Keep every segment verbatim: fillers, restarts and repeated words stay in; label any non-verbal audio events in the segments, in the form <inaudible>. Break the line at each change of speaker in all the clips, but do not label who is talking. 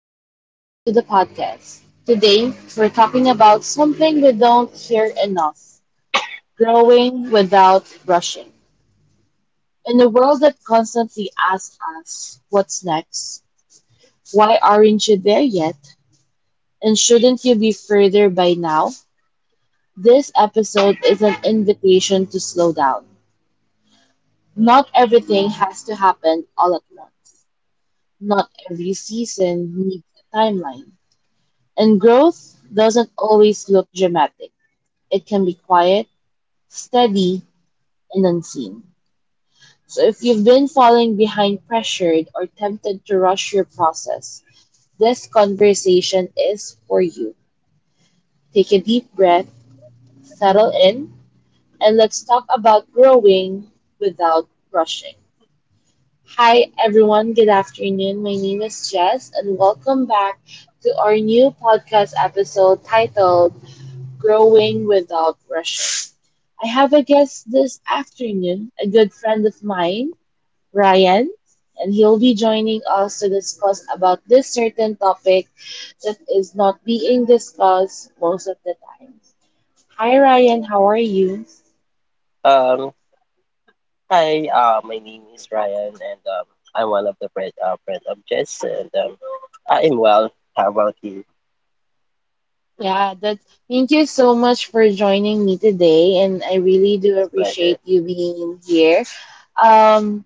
welcome back to the podcast. Today, we're talking about something we don't hear enough, growing without rushing. In a world that constantly asks us, what's next? Why aren't you there yet? And shouldn't you be further by now? This episode is an invitation to slow down. Not everything has to happen all at once, not every season needs a timeline. And growth doesn't always look dramatic. It can be quiet, steady, and unseen. So if you've been falling behind, pressured, or tempted to rush your process, this conversation is for you. Take a deep breath, settle in, and let's talk about growing without rushing. Hi, everyone. Good afternoon. My name is Jess, and welcome back to our new podcast episode titled growing without rushing. I have a guest this afternoon, a good friend of mine, Ryan, and he'll be joining us to discuss about this certain topic that is not being discussed most of the time. Hi Ryan, how are you?
Um, Hi, uh, my name is Ryan, and um, I'm one of the friend, uh, friend of Jess, and um, I'm well. How about you?
Yeah, that thank you so much for joining me today, and I really do
It's a pleasure.
appreciate you being here. Um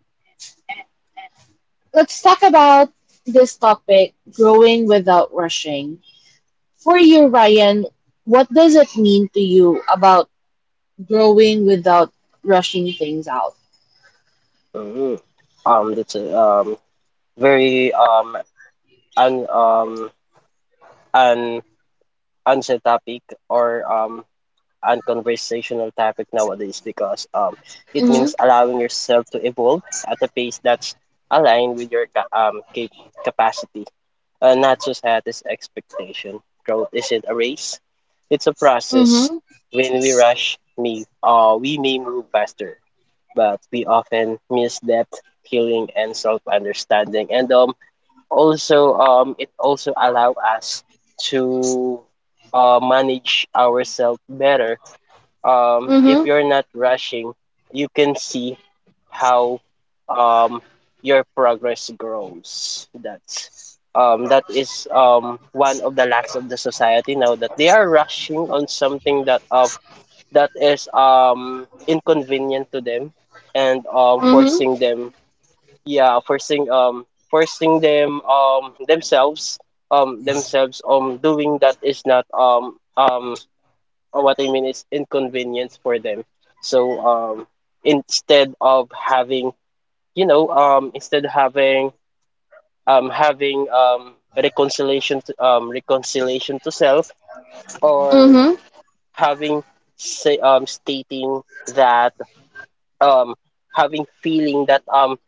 let's talk about this topic, growing without rushing. For you, Ryan, what does it mean to you about growing without rushing things out?
hmm Um, that's a um, very um, un, um, an unsaid topic or um, and conversational topic nowadays, because um it
Mm-hmm.
means allowing yourself to evolve at a pace that's aligned with your ca- um cap- capacity, uh, not society's expectation. Growth isn't a race; it's a process.
Mm-hmm.
When we rush, me, uh, we may move faster, but we often miss depth, healing, and self-understanding. And um, also, um, it also allow us to uh, manage ourselves better. Um, if
Mm-hmm.
you're not rushing, you can see how um, your progress grows. That's um, that is um, One of the lacks of the society now that they are rushing on something that uh, that is um, inconvenient to them and um,
Mm-hmm.
forcing them. Yeah forcing um forcing them um themselves um themselves um doing that is not um um uh, what I mean, is inconvenient for them. So um, instead of having, you know, um, instead of having um, having um, reconciliation to, um, reconciliation to self, or
Mm-hmm.
having say, um, stating that, um, having feeling that um,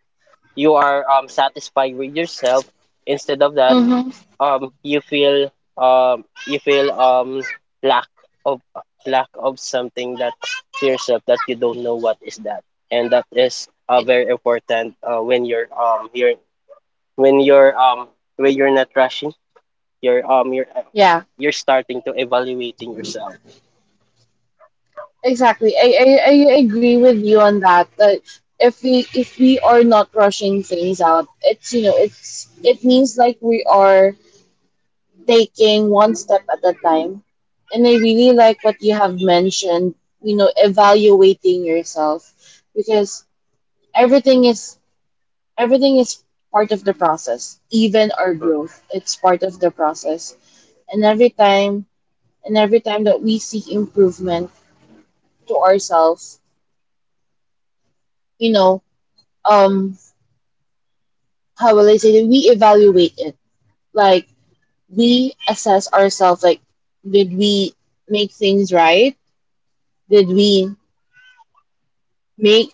you are um, satisfied with yourself, instead of that,
Mm-hmm.
um you feel, um you feel um lack of, lack of something that, to yourself, that you don't know what is that. And that is uh, very important uh, when you're um you're when you're um when you're not rushing, you're um you're uh,
Yeah,
you're starting to evaluating yourself.
exactly. I, I, I agree with you on that. That if we if we are not rushing things out, it's, you know, it's it means like we are taking one step at a time. And I really like what you have mentioned. You know, evaluating yourself, because everything is everything is part of the process. Even our
Mm,
growth, it's part of the process. And every time and every time that we seek improvement to ourselves, you know, um how will I say, that we evaluate it, like we assess ourselves, like, did we make things right? Did we make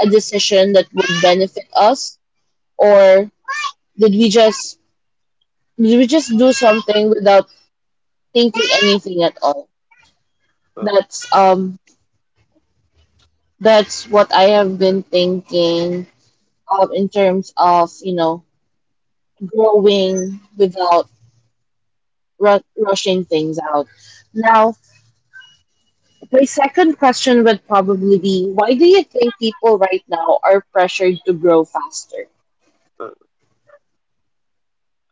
a decision that would benefit us? Or did we just did we just do something without thinking anything at all?
mm,
that's um That's what I have been thinking of in terms of, you know, growing without ru- rushing things out. Now, my second question would probably be, why do you think people right now are pressured to grow faster?
mm.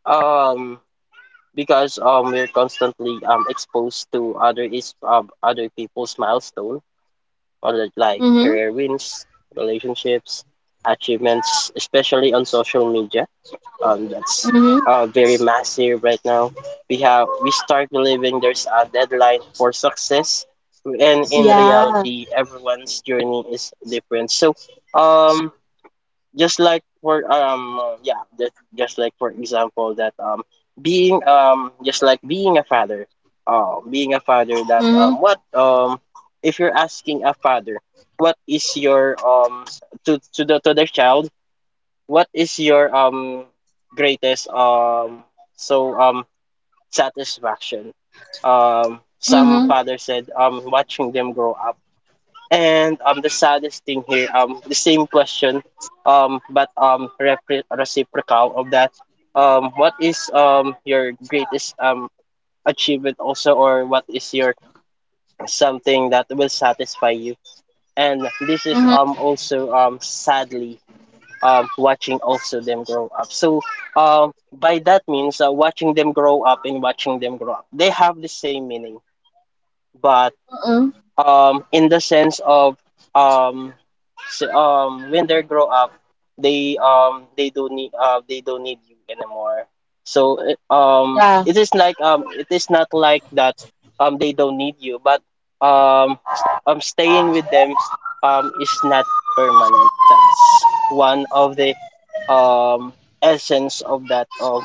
um because um we're constantly um exposed to other is um, other people's milestone, or li- like
Mm-hmm.
career wins, relationships, achievements, especially on social media. Um, that's
Mm-hmm.
uh, very massive right now. We have we start believing there's a deadline for success, and in
Yeah.
reality, everyone's journey is different. So, um, just like for um uh, yeah just just like for example, that um being um just like being a father, uh being a father that
Mm-hmm.
um what um if you're asking a father, what is your um to to the to the child, what is your um greatest um so um satisfaction? Um some
Mm-hmm.
father said um watching them grow up. And um, the saddest thing here, um, the same question, um, but um, repre- reciprocal of that. Um, what is um your greatest um achievement also, or what is your something that will satisfy you? And this is um
Mm-hmm.
also um sadly um watching also them grow up. So um by that means, uh, watching them grow up and watching them grow up, they have the same meaning, but
Mm-hmm.
um in the sense of um s- um when they grow up, they um they don't need, uh they don't need you anymore. So it- um
Yeah.
it is like um it is not like that, um they don't need you, but um s- um staying with them um is not permanent. That's one of the um essence of that. Of,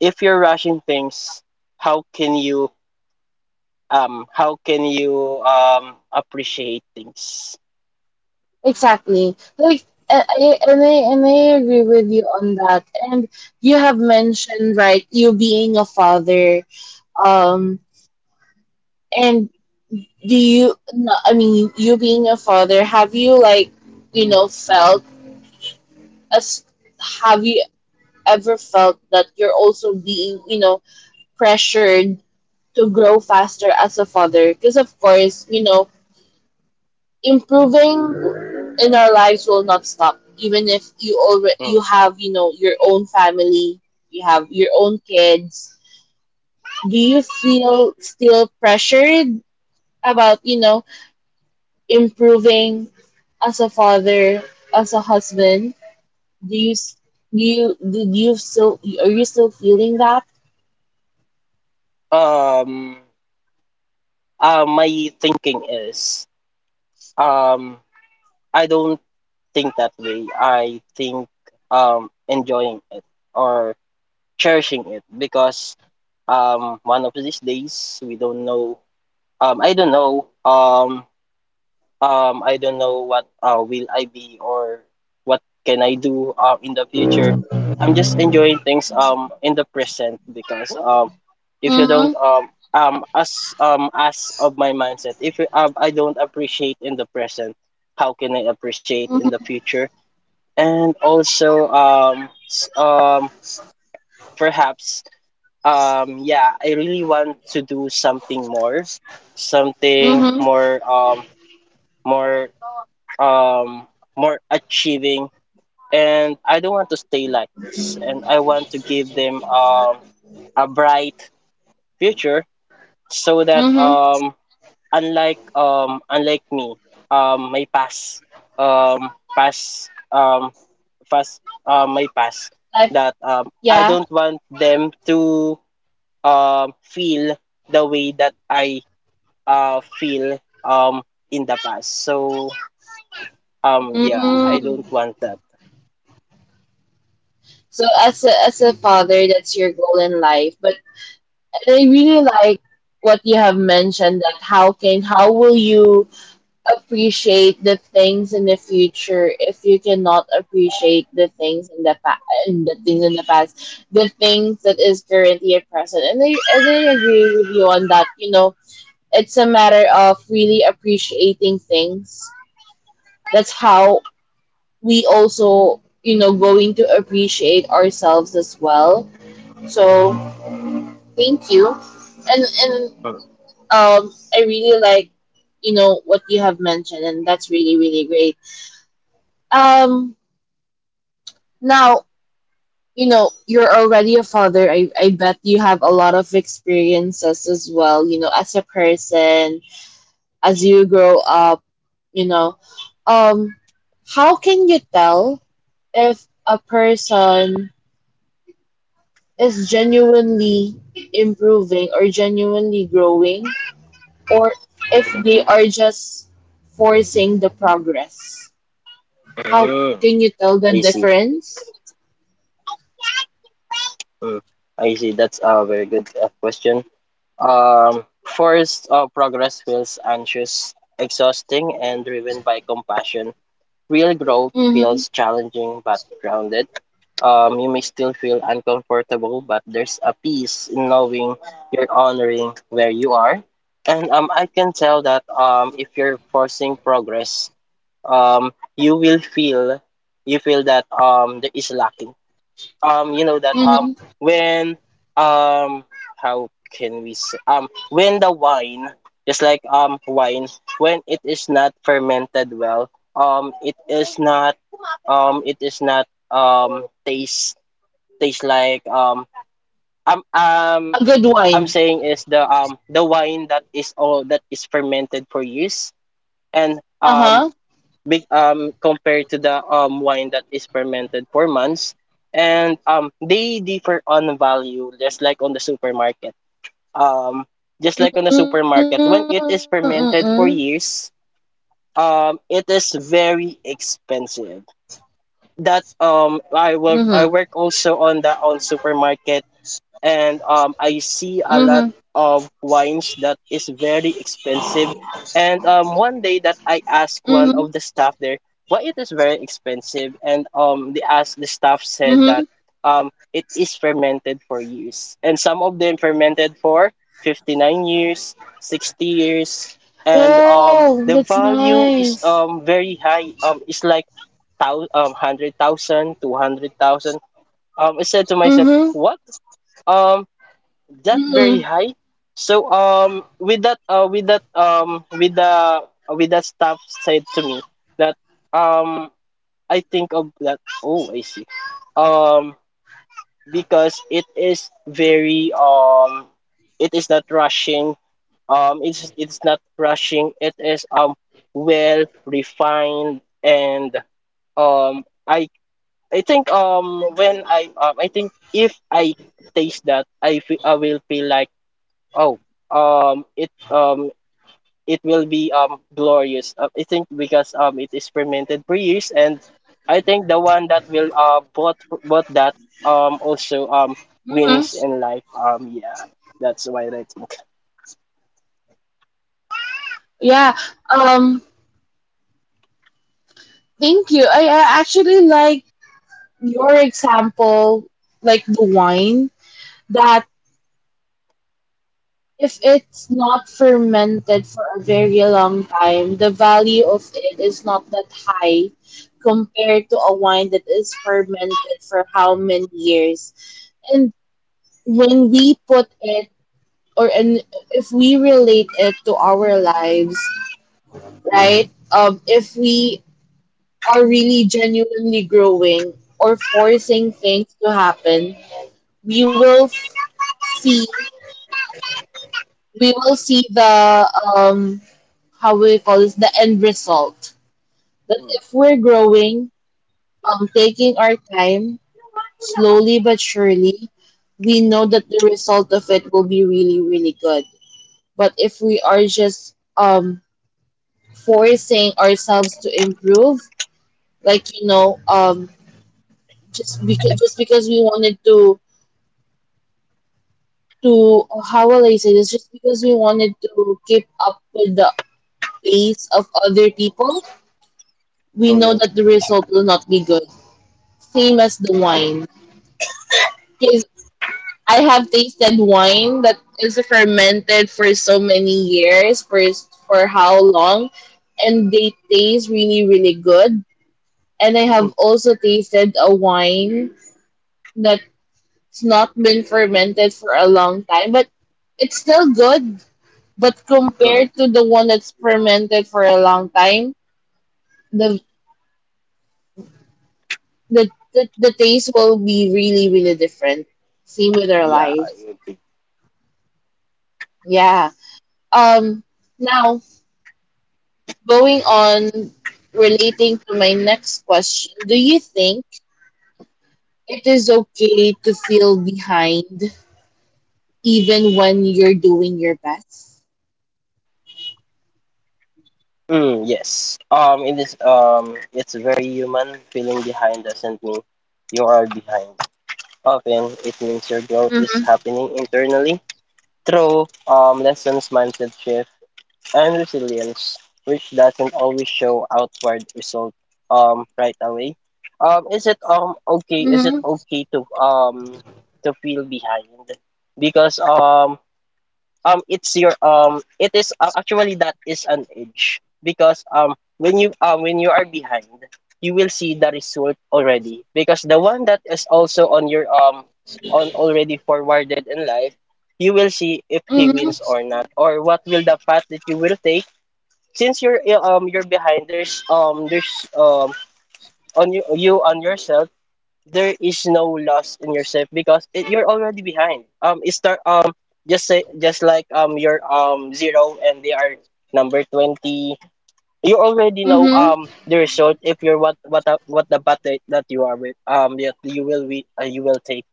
if you're rushing things, how can you um how can you um appreciate things?
Exactly. Like, I, I, and I and I agree with you on that. And you have mentioned, right, you being a father. Um, And do you, no, I mean, you being a father, have you, like, you know, felt as, have you ever felt that you're also being, you know, pressured to grow faster as a father? Because, of course, you know, improving in our lives will not stop. Even if you already,
Mm.
you have, you know, your own family, you have your own kids. Do you feel still pressured about, you know, improving as a father, as a husband? Do you s- do you do you still are you still feeling that?
um uh, my thinking is, um i don't think that way. I think um enjoying it or cherishing it, because um one of these days we don't know. um i don't know um um I don't know what, uh will I be, or what can I do uh, in the future. I'm just enjoying things um in the present, because um if you don't
Mhm.
um um as um as of my mindset, if you, um, I don't appreciate in the present, how can I appreciate in the
Mhm.
future? And also um s- um perhaps, um yeah, I really want to do something more, something
Mhm.
more um more um, more achieving. And I don't want to stay like this. And I want to give them um, a bright future, so that
Mhm.
um, unlike um, unlike me, um, my past um, past um, past uh, my past,
Like,
that um, I
yeah.
don't want them to um, feel the way that I uh, feel um, in the past. So um, yeah, I
Mm.
don't want that.
So as a as a father, that's your goal in life. But I really like what you have mentioned, that how can, how will you appreciate the things in the future if you cannot appreciate the things in the past, and the things in the past, the things that is currently at present. And I, and I agree with you on that. You know, it's a matter of really appreciating things. That's how we also, you know, going to appreciate ourselves as well. So thank you. And and um I really like, you know, what you have mentioned, and that's really, really great. um Now, you know, you're already a father. I, I bet you have a lot of experiences as well, you know, as a person, as you grow up, you know. Um, how can you tell if a person is genuinely improving or genuinely growing, or if they are just forcing the progress? How
Mm,
can you tell the
I see.
difference?
Mm, I see. That's a very good uh, question. Um, first, uh, progress feels anxious, exhausting, and driven by compassion. Real growth
Mm-hmm.
feels challenging but grounded. Um, you may still feel uncomfortable, but there's a peace in knowing you're honoring where you are. And um, I can tell that um, if you're forcing progress, um, you will feel you feel that um, there is lacking. Um you know that um
Mm-hmm.
when um how can we say, um when the wine, just like um wine, when it is not fermented well, um it is not, um it is not um taste, taste like um um um
A good
I'm
wine.
saying is the um the wine that is all that is fermented for years, and um
Uh-huh.
big um compared to the um wine that is fermented for months, and um they differ on value, just like on the supermarket. Um just like
Mm,
on the supermarket,
mm-mm.
when it is fermented for years, um it is very expensive. that um
Mm.
i will i work also on the on supermarket, and um, I
Mhm.
see a lot of wines that is very expensive. And um, one day that I
Mhm. Mhm.
asked one of the staff there why it is very expensive, and um, they asked the staff
Mhm.
said that um, it is fermented for years, and some of them fermented for fifty nine years, sixty years, and um,
Oh,
the
that's
value is
nice.
um very high. Um, it's like thou um one hundred thousand, two hundred thousand. Um, I said to
Mm.
myself,
Mhm.
what? um that very
Mhm.
high. So um with that uh with that um with the, uh, with that staff said to me that um I think of that, oh, I see, um because it is very um it is not rushing, um it's it's not rushing, it is um well refined. And um I I think um when I um I think, if I taste that, I fe- I will feel like, oh, um, it um it will be um glorious. Uh, I think because um it is fermented for years, and I think the one that will uh bought bought that um also um
Mhm.
wins in life. Um, yeah, that's why I think.
Yeah. Um. Thank you. I, I actually like your example, like the wine. That if it's not fermented for a very long time, the value of it is not that high compared to a wine that is fermented for how many years. And when we put it, or, and if we relate it to our lives, right? Um, if we are really genuinely growing or forcing things to happen, we will f- see, we will see the, um, how we call this, the end result. That if we're growing, um, taking our time slowly but surely, we know that the result of it will be really, really good. But if we are just, um, forcing ourselves to improve, like, you know, um, just because just because we wanted to to how will I say this, just because we wanted to keep up with the pace of other people, we know
Mm,
that the result will not be good, same as the wine. Because I have tasted wine that is fermented for so many years, for for how long, and they taste really, really good. And I have
mm,
also tasted a wine that, it's not been fermented for a long time, but it's still good. But
mm,
compared to the one that's fermented for a long time, the the the, the taste will be really, really different. Same with our
yeah,
life.
I agree.
Yeah. Um. Now, going on, relating to my next question, do you think it is okay to feel behind even when you're doing your best?
Mm, yes. Um, it is um it's very human. Feeling behind doesn't mean you are behind. Often it
Mm-hmm.
means your growth is happening internally through um, lessons, mindset shift, and resilience, which doesn't always show outward result um, right away. Um, is it um
Mm-hmm.
okay? Is it okay to um to feel behind? Because um um it's your um it is, uh, actually, that is an edge, because um when you um when you are behind you will see the result already, because the one that is also on your um on, already forwarded in life, you will see if he wins or not, or what will the path that you will take. Since you're uh, um you're behind, there's um there's um on you, you on yourself, there is no loss in yourself, because it, you're already behind. Um, it start um Just say, just like um you're um zero and they are number twenty. You already know
Mm-hmm.
um the result, if you're, what what a- what the bat that, that you are with, um that you will be, uh, you will take.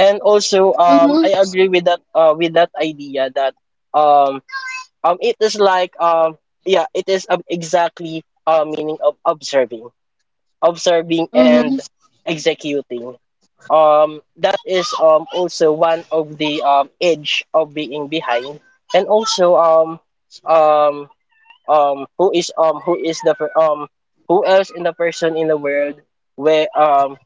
And also um
Mm-hmm.
I agree with that, uh with that idea that um um it is like, um yeah, it is, um, exactly, uh meaning of observing, observing and
Mm-hmm.
executing. Um, that is um, also one of the um, edge of being behind. And also um, um, um, who is um, who is the per- um, who else in the person in the world where um,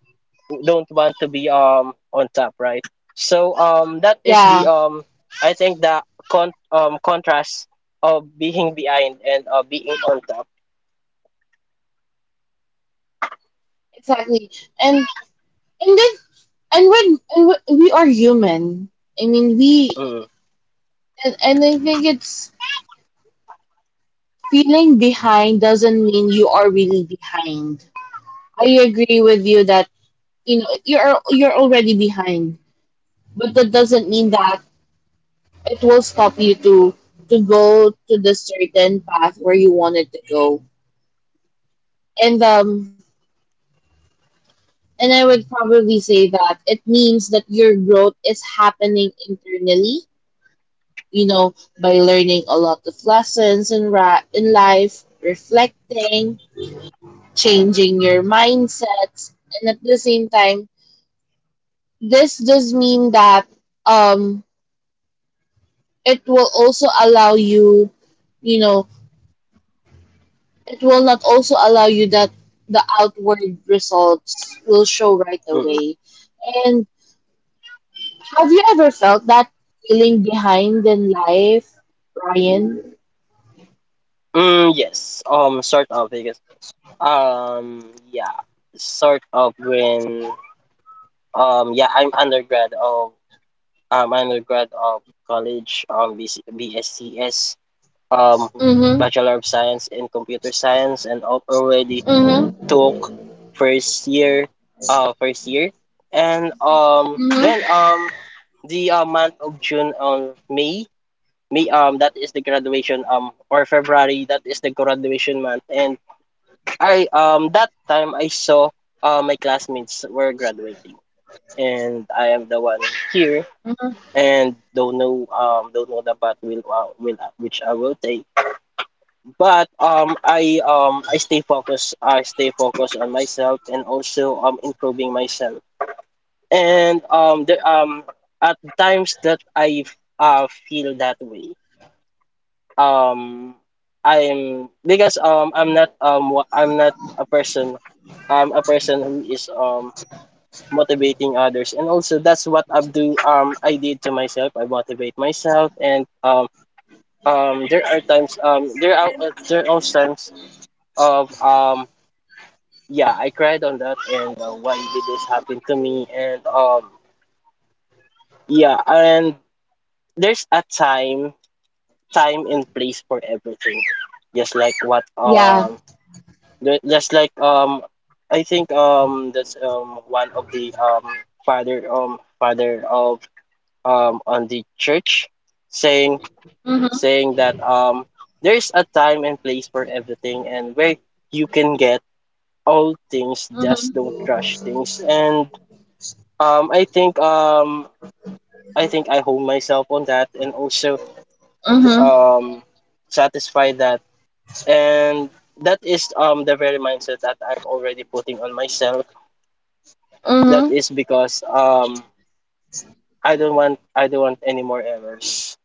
don't want to be um, on top, right? So um, that is the
Yeah,
um, I think the con- um, contrast of being behind and uh, being on top.
exactly. And and then and when and when- we are human. I mean, we
Mm,
and, and I think it's, feeling behind doesn't mean you are really behind. I agree with you that, you know, you're you're already behind, but that doesn't mean that it will stop you to to go to the certain path where you wanted to go. And um and I would probably say that it means that your growth is happening internally, you know, by learning a lot of lessons in, ra- in life, reflecting, changing your mindsets, and at the same time, this does mean that, um, it will also allow you, you know, it will not also allow you that the outward results will show right
mm,
away. And have you ever felt that, feeling behind in life, Ryan?
mm, yes, um, sort of. Um, yeah, sort of, when um yeah, I'm undergrad of um undergrad of college, um B C, um
Mm-hmm.
Bachelor of Science in Computer Science, and al- already
Mm-hmm.
took first year, uh first year, and um then um the uh, month of June, on May May um that is the graduation, um or February, that is the graduation month. And I um that time I saw uh, my classmates were graduating, and I am the one here
Mm-hmm.
and don't know um don't know the path will uh, will uh, which I will take. But um I um I stay focused, I stay focused on myself and also um improving myself. And um the um at times that I uh, feel that way, um I'm because um I'm not um wa- I'm not a person. I'm a person who is um motivating others, and also that's what I do. um I did to myself. I motivate myself, and um um there are times, um there are uh, there are times of um yeah, I cried on that, and uh, why did this happen to me? And um yeah, and there's a time time and place for everything, just like what
Yeah.
um Ju- Just like um, I think um that's um one of the um father um father of, um on the church, saying saying that, um there's a time and place for everything, and where you can get all things, just don't rush
Mm-hmm.
things. And um I think um I think I hold myself on that, and also um
Mm-hmm.
satisfy that, and that is um the very mindset that I'm already putting on myself. That is because
Mm-hmm.
um I don't want I don't want any more errors.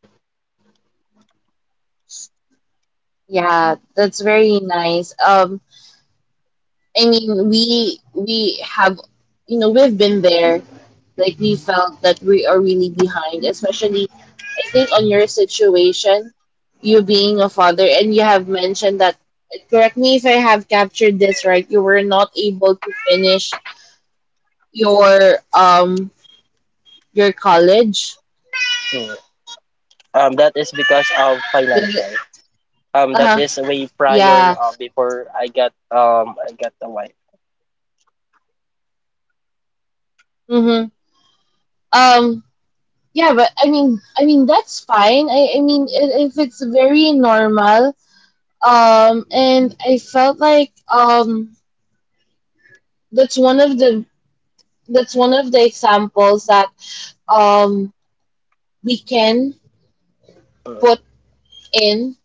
Yeah, that's very nice. Um, I mean, we we have, you know, we've been there. Like, we felt that we are really behind, especially, I think, on your situation, you being a father, and you have mentioned that. Correct me if I have captured this right. You were not able to finish your, um, your college.
Mm. Um, that is because of financial.
Uh
Um, that
huh.
is way prior
Yeah.
uh, before I got um I got the wife.
Mm-hmm. Um. Yeah, but I mean, I mean that's fine. I, I mean, i- if it's very normal, um, and I felt like, um, that's one of the that's one of the examples that, um, we can
Mm,
put in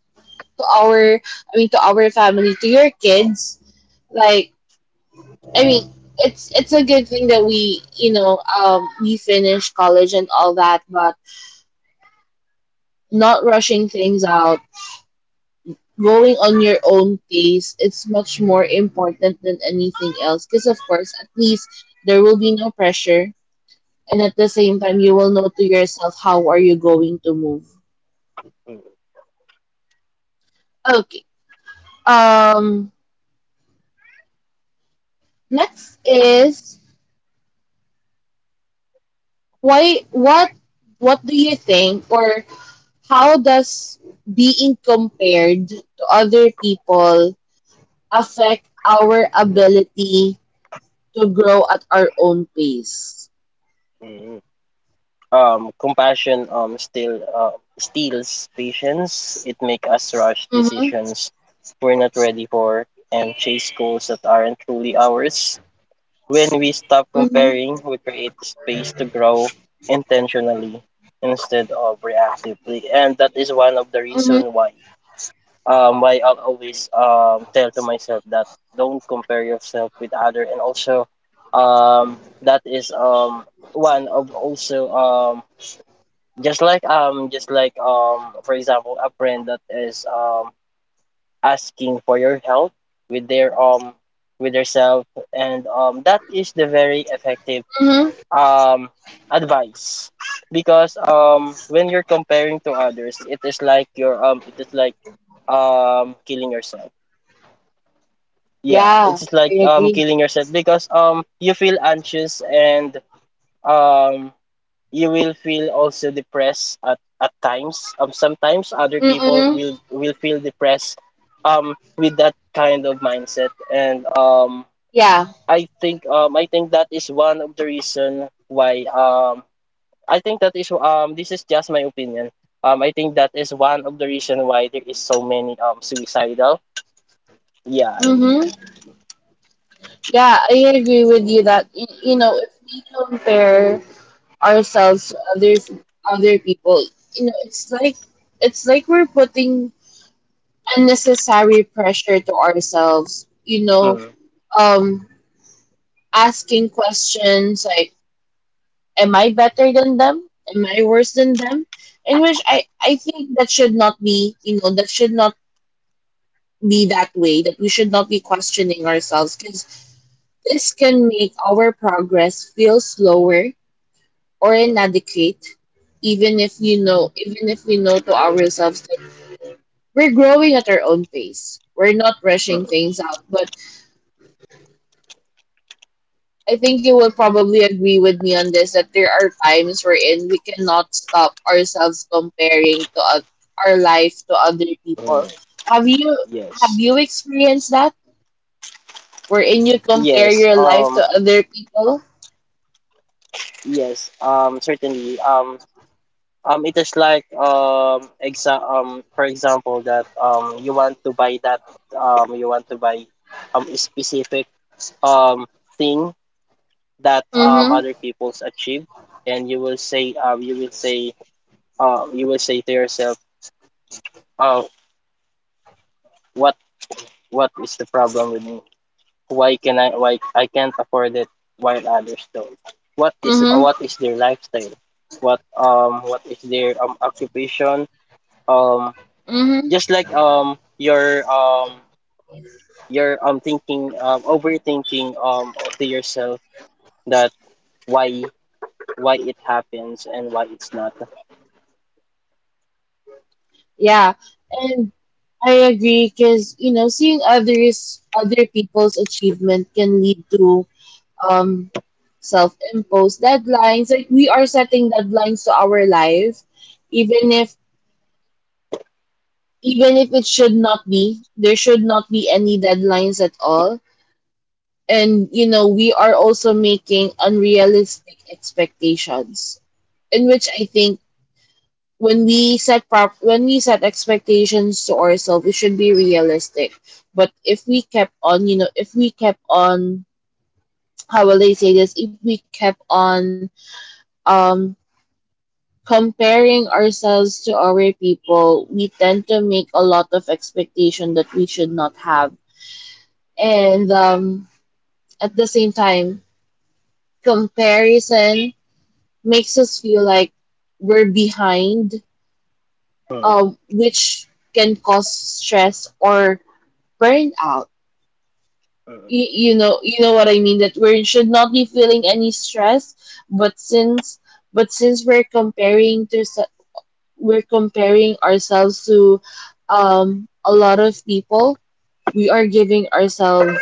to our, I mean, to our family, to your kids. Like, I mean, it's it's a good thing that we, you know, um, we finish college and all that, but not rushing things out, going on your own pace, it's much more important than anything else, because of course, at least there will be no pressure, and at the same time you
mm,
will know to yourself how are you going to move.
mm,
Okay, um, next is, why what what do you think, or how does being compared to other people affect our ability to grow at our own pace?
mm. Um, compassion um still uh, steals patience. It make us rush
Mm-hmm.
decisions we're not ready for, and chase goals that aren't truly ours. When we stop comparing,
Mm-hmm.
we create space to grow intentionally instead of reactively, and that is one of the
Mm-hmm.
reason why um why I'll always um tell to myself that don't compare yourself with other, and also um that is um one of also, um just like um just like um for example, a friend that is um asking for your help with their um with their self, and um that is the very
Mm-hmm.
effective um advice, because um when you're comparing to others, it is like you're um it is like um killing yourself.
Yeah,
Yeah,
I
it's like
agree.
um killing yourself, because um you feel anxious, and um you will feel also depressed at, at times. Um sometimes other
Mm-mm.
people will will feel depressed um with that kind of mindset, and um
Yeah.
I think um I think that is one of the reason why um I think that is, um this is just my opinion. Um, I think that is one of the reason why there is so many um suicidal. Yeah, I think.
Mm-hmm. Yeah, I agree with you that, y- you know, if we compare ourselves to others, other people, you know, it's like, it's like we're putting unnecessary pressure to ourselves. You know,
Mm,
um, asking questions like, "Am I better than them? Am I worse than them?" In which I I think that should not be. You know, that should not be that way. That we should not be questioning ourselves, 'cause this can make our progress feel slower or
mm,
inadequate, even if, you know, even if we know to ourselves that we're growing at our own pace. We're not rushing
mm,
things out. But I think you will probably agree with me on this, that there are times wherein we cannot stop ourselves comparing to oth- our life to other
mm.
people. Have you, have
Yes.
you experienced that? Wherein you compare
Yes.
your life
Um.
to other people?
Yes. Um. Certainly. Um. Um. It is like um. Exa- um. For example, that um. You want to buy that. Um. You want to buy um a specific um thing that um
Mm-hmm.
other people's achieve, and you will say um you will say uh, you will say to yourself, "Oh, what what is the problem with me? Why can I why I can't afford it while others don't? What is
Mm-hmm.
what is their lifestyle? What um what is their um occupation? Um,
Mm-hmm.
just like um your um your um thinking, um overthinking um to yourself that why why it happens and why it's not.
Yeah, and I agree, because, you know, seeing others, other people's achievement can lead to, um, self-imposed deadlines. Like, we are setting deadlines to our life, even if, even if it should not be. There should not be any deadlines at all. And you know we are also making unrealistic expectations, in which I think when we set prop when we set expectations to ourselves, it should be realistic. But if we kept on, you know, if we kept on, <tsk> how will I say this? If we kept on, um, comparing ourselves to our people, we tend to make a lot of expectation that we should not have, and um, at the same time, comparison makes us feel like we're behind,
Hmm,
um, which can cause stress or burnout.
hmm,
You, you know, you know what I mean. That we should not be feeling any stress, but since but since we're comparing to se- we're comparing ourselves to um a lot of people, we are giving ourselves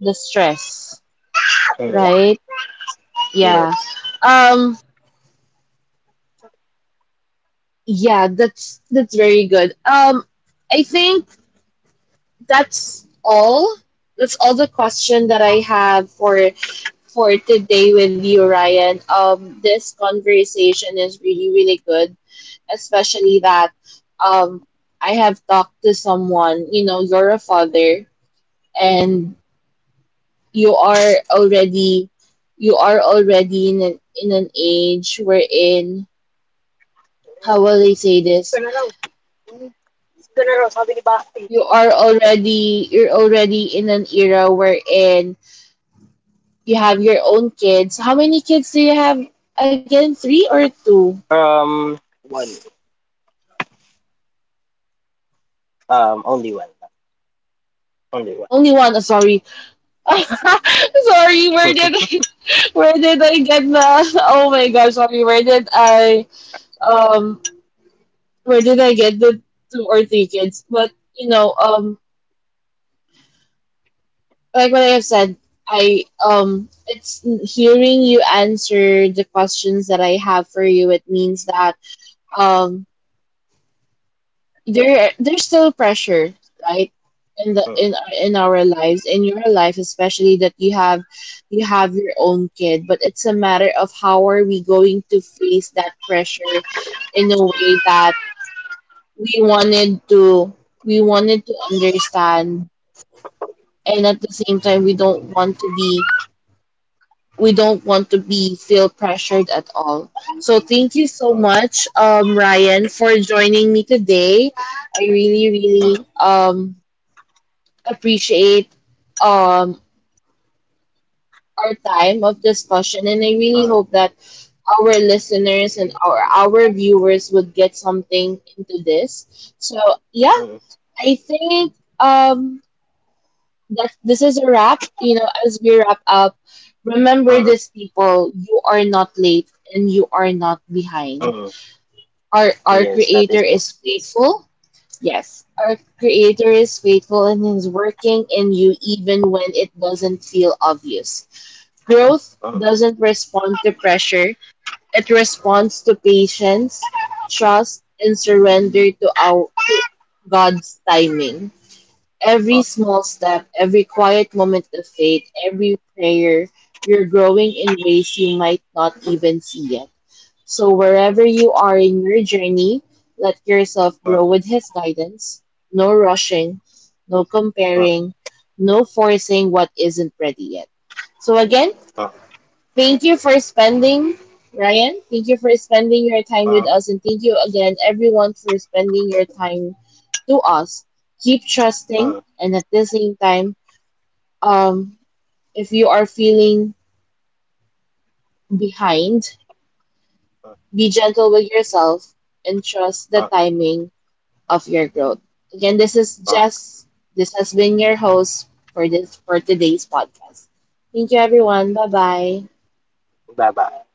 the stress,
hmm.
right?
Yes.
Yeah. Um. Yeah. That's that's very good. Um. I think that's all. That's all the question that I have for for today with you, Ryan. Um, this conversation is really, really good, especially that um, I have talked to someone, you know, you're a father and you are already you are already in an, in an age wherein how will I say this? You are already you're already in an era wherein you have your own kids. How many kids do you have again? Three or two?
Um one um only one, only one.
Only one. uh, Sorry, <laughs> sorry, where did
<laughs>
I, where did I get the? Oh my gosh, sorry, where did I um where did I get the two or three kids? But you know, um, like what I have said, I um, it's hearing you answer the questions that I have for you. It means that um, there there's still pressure right in the in our- in our lives, in your life, especially that you have you have your own kid, but it's a matter of how are we going to face that pressure in a way that we wanted to we wanted to understand, and at the same time we don't want to be we don't want to be feel pressured at all. So thank you so
Uh,
much, um Ryan, for joining me today. I really,
uh,
really um appreciate um our time of discussion, and I really hope that our listeners and our our viewers would get something into this. So yeah,
uh,
I think um that this is a wrap. You know, as we wrap up,
uh,
remember
uh,
this people, you are not late and you are not behind.
uh.
Our our
Yes, that
creator
is true.
is faithful. Yes, our creator is faithful and is working in you even when it doesn't feel obvious. Growth
Uh,
doesn't respond to pressure, it responds to patience, trust, and surrender to, our, to God's timing. Every
uh,
small step, every quiet moment of faith, every prayer, you're growing in ways you might not even see yet. So, wherever
uh,
you are in your journey, let yourself
uh,
grow with His guidance. No rushing, no
uh, uh,
comparing, no forcing what isn't ready yet. So again,
uh,
thank you for spending, Ryan. Thank you for spending your time with us. And thank you again, everyone, for spending your time to us. Keep
uh,
trusting.
uh,
And at the same time, um, if you are feeling behind, be gentle with yourself and trust the
uh.
timing of your growth. Again, this is
uh.
Jess. This has been your host for this for today's podcast. Thank you, everyone. Bye bye.
Bye bye.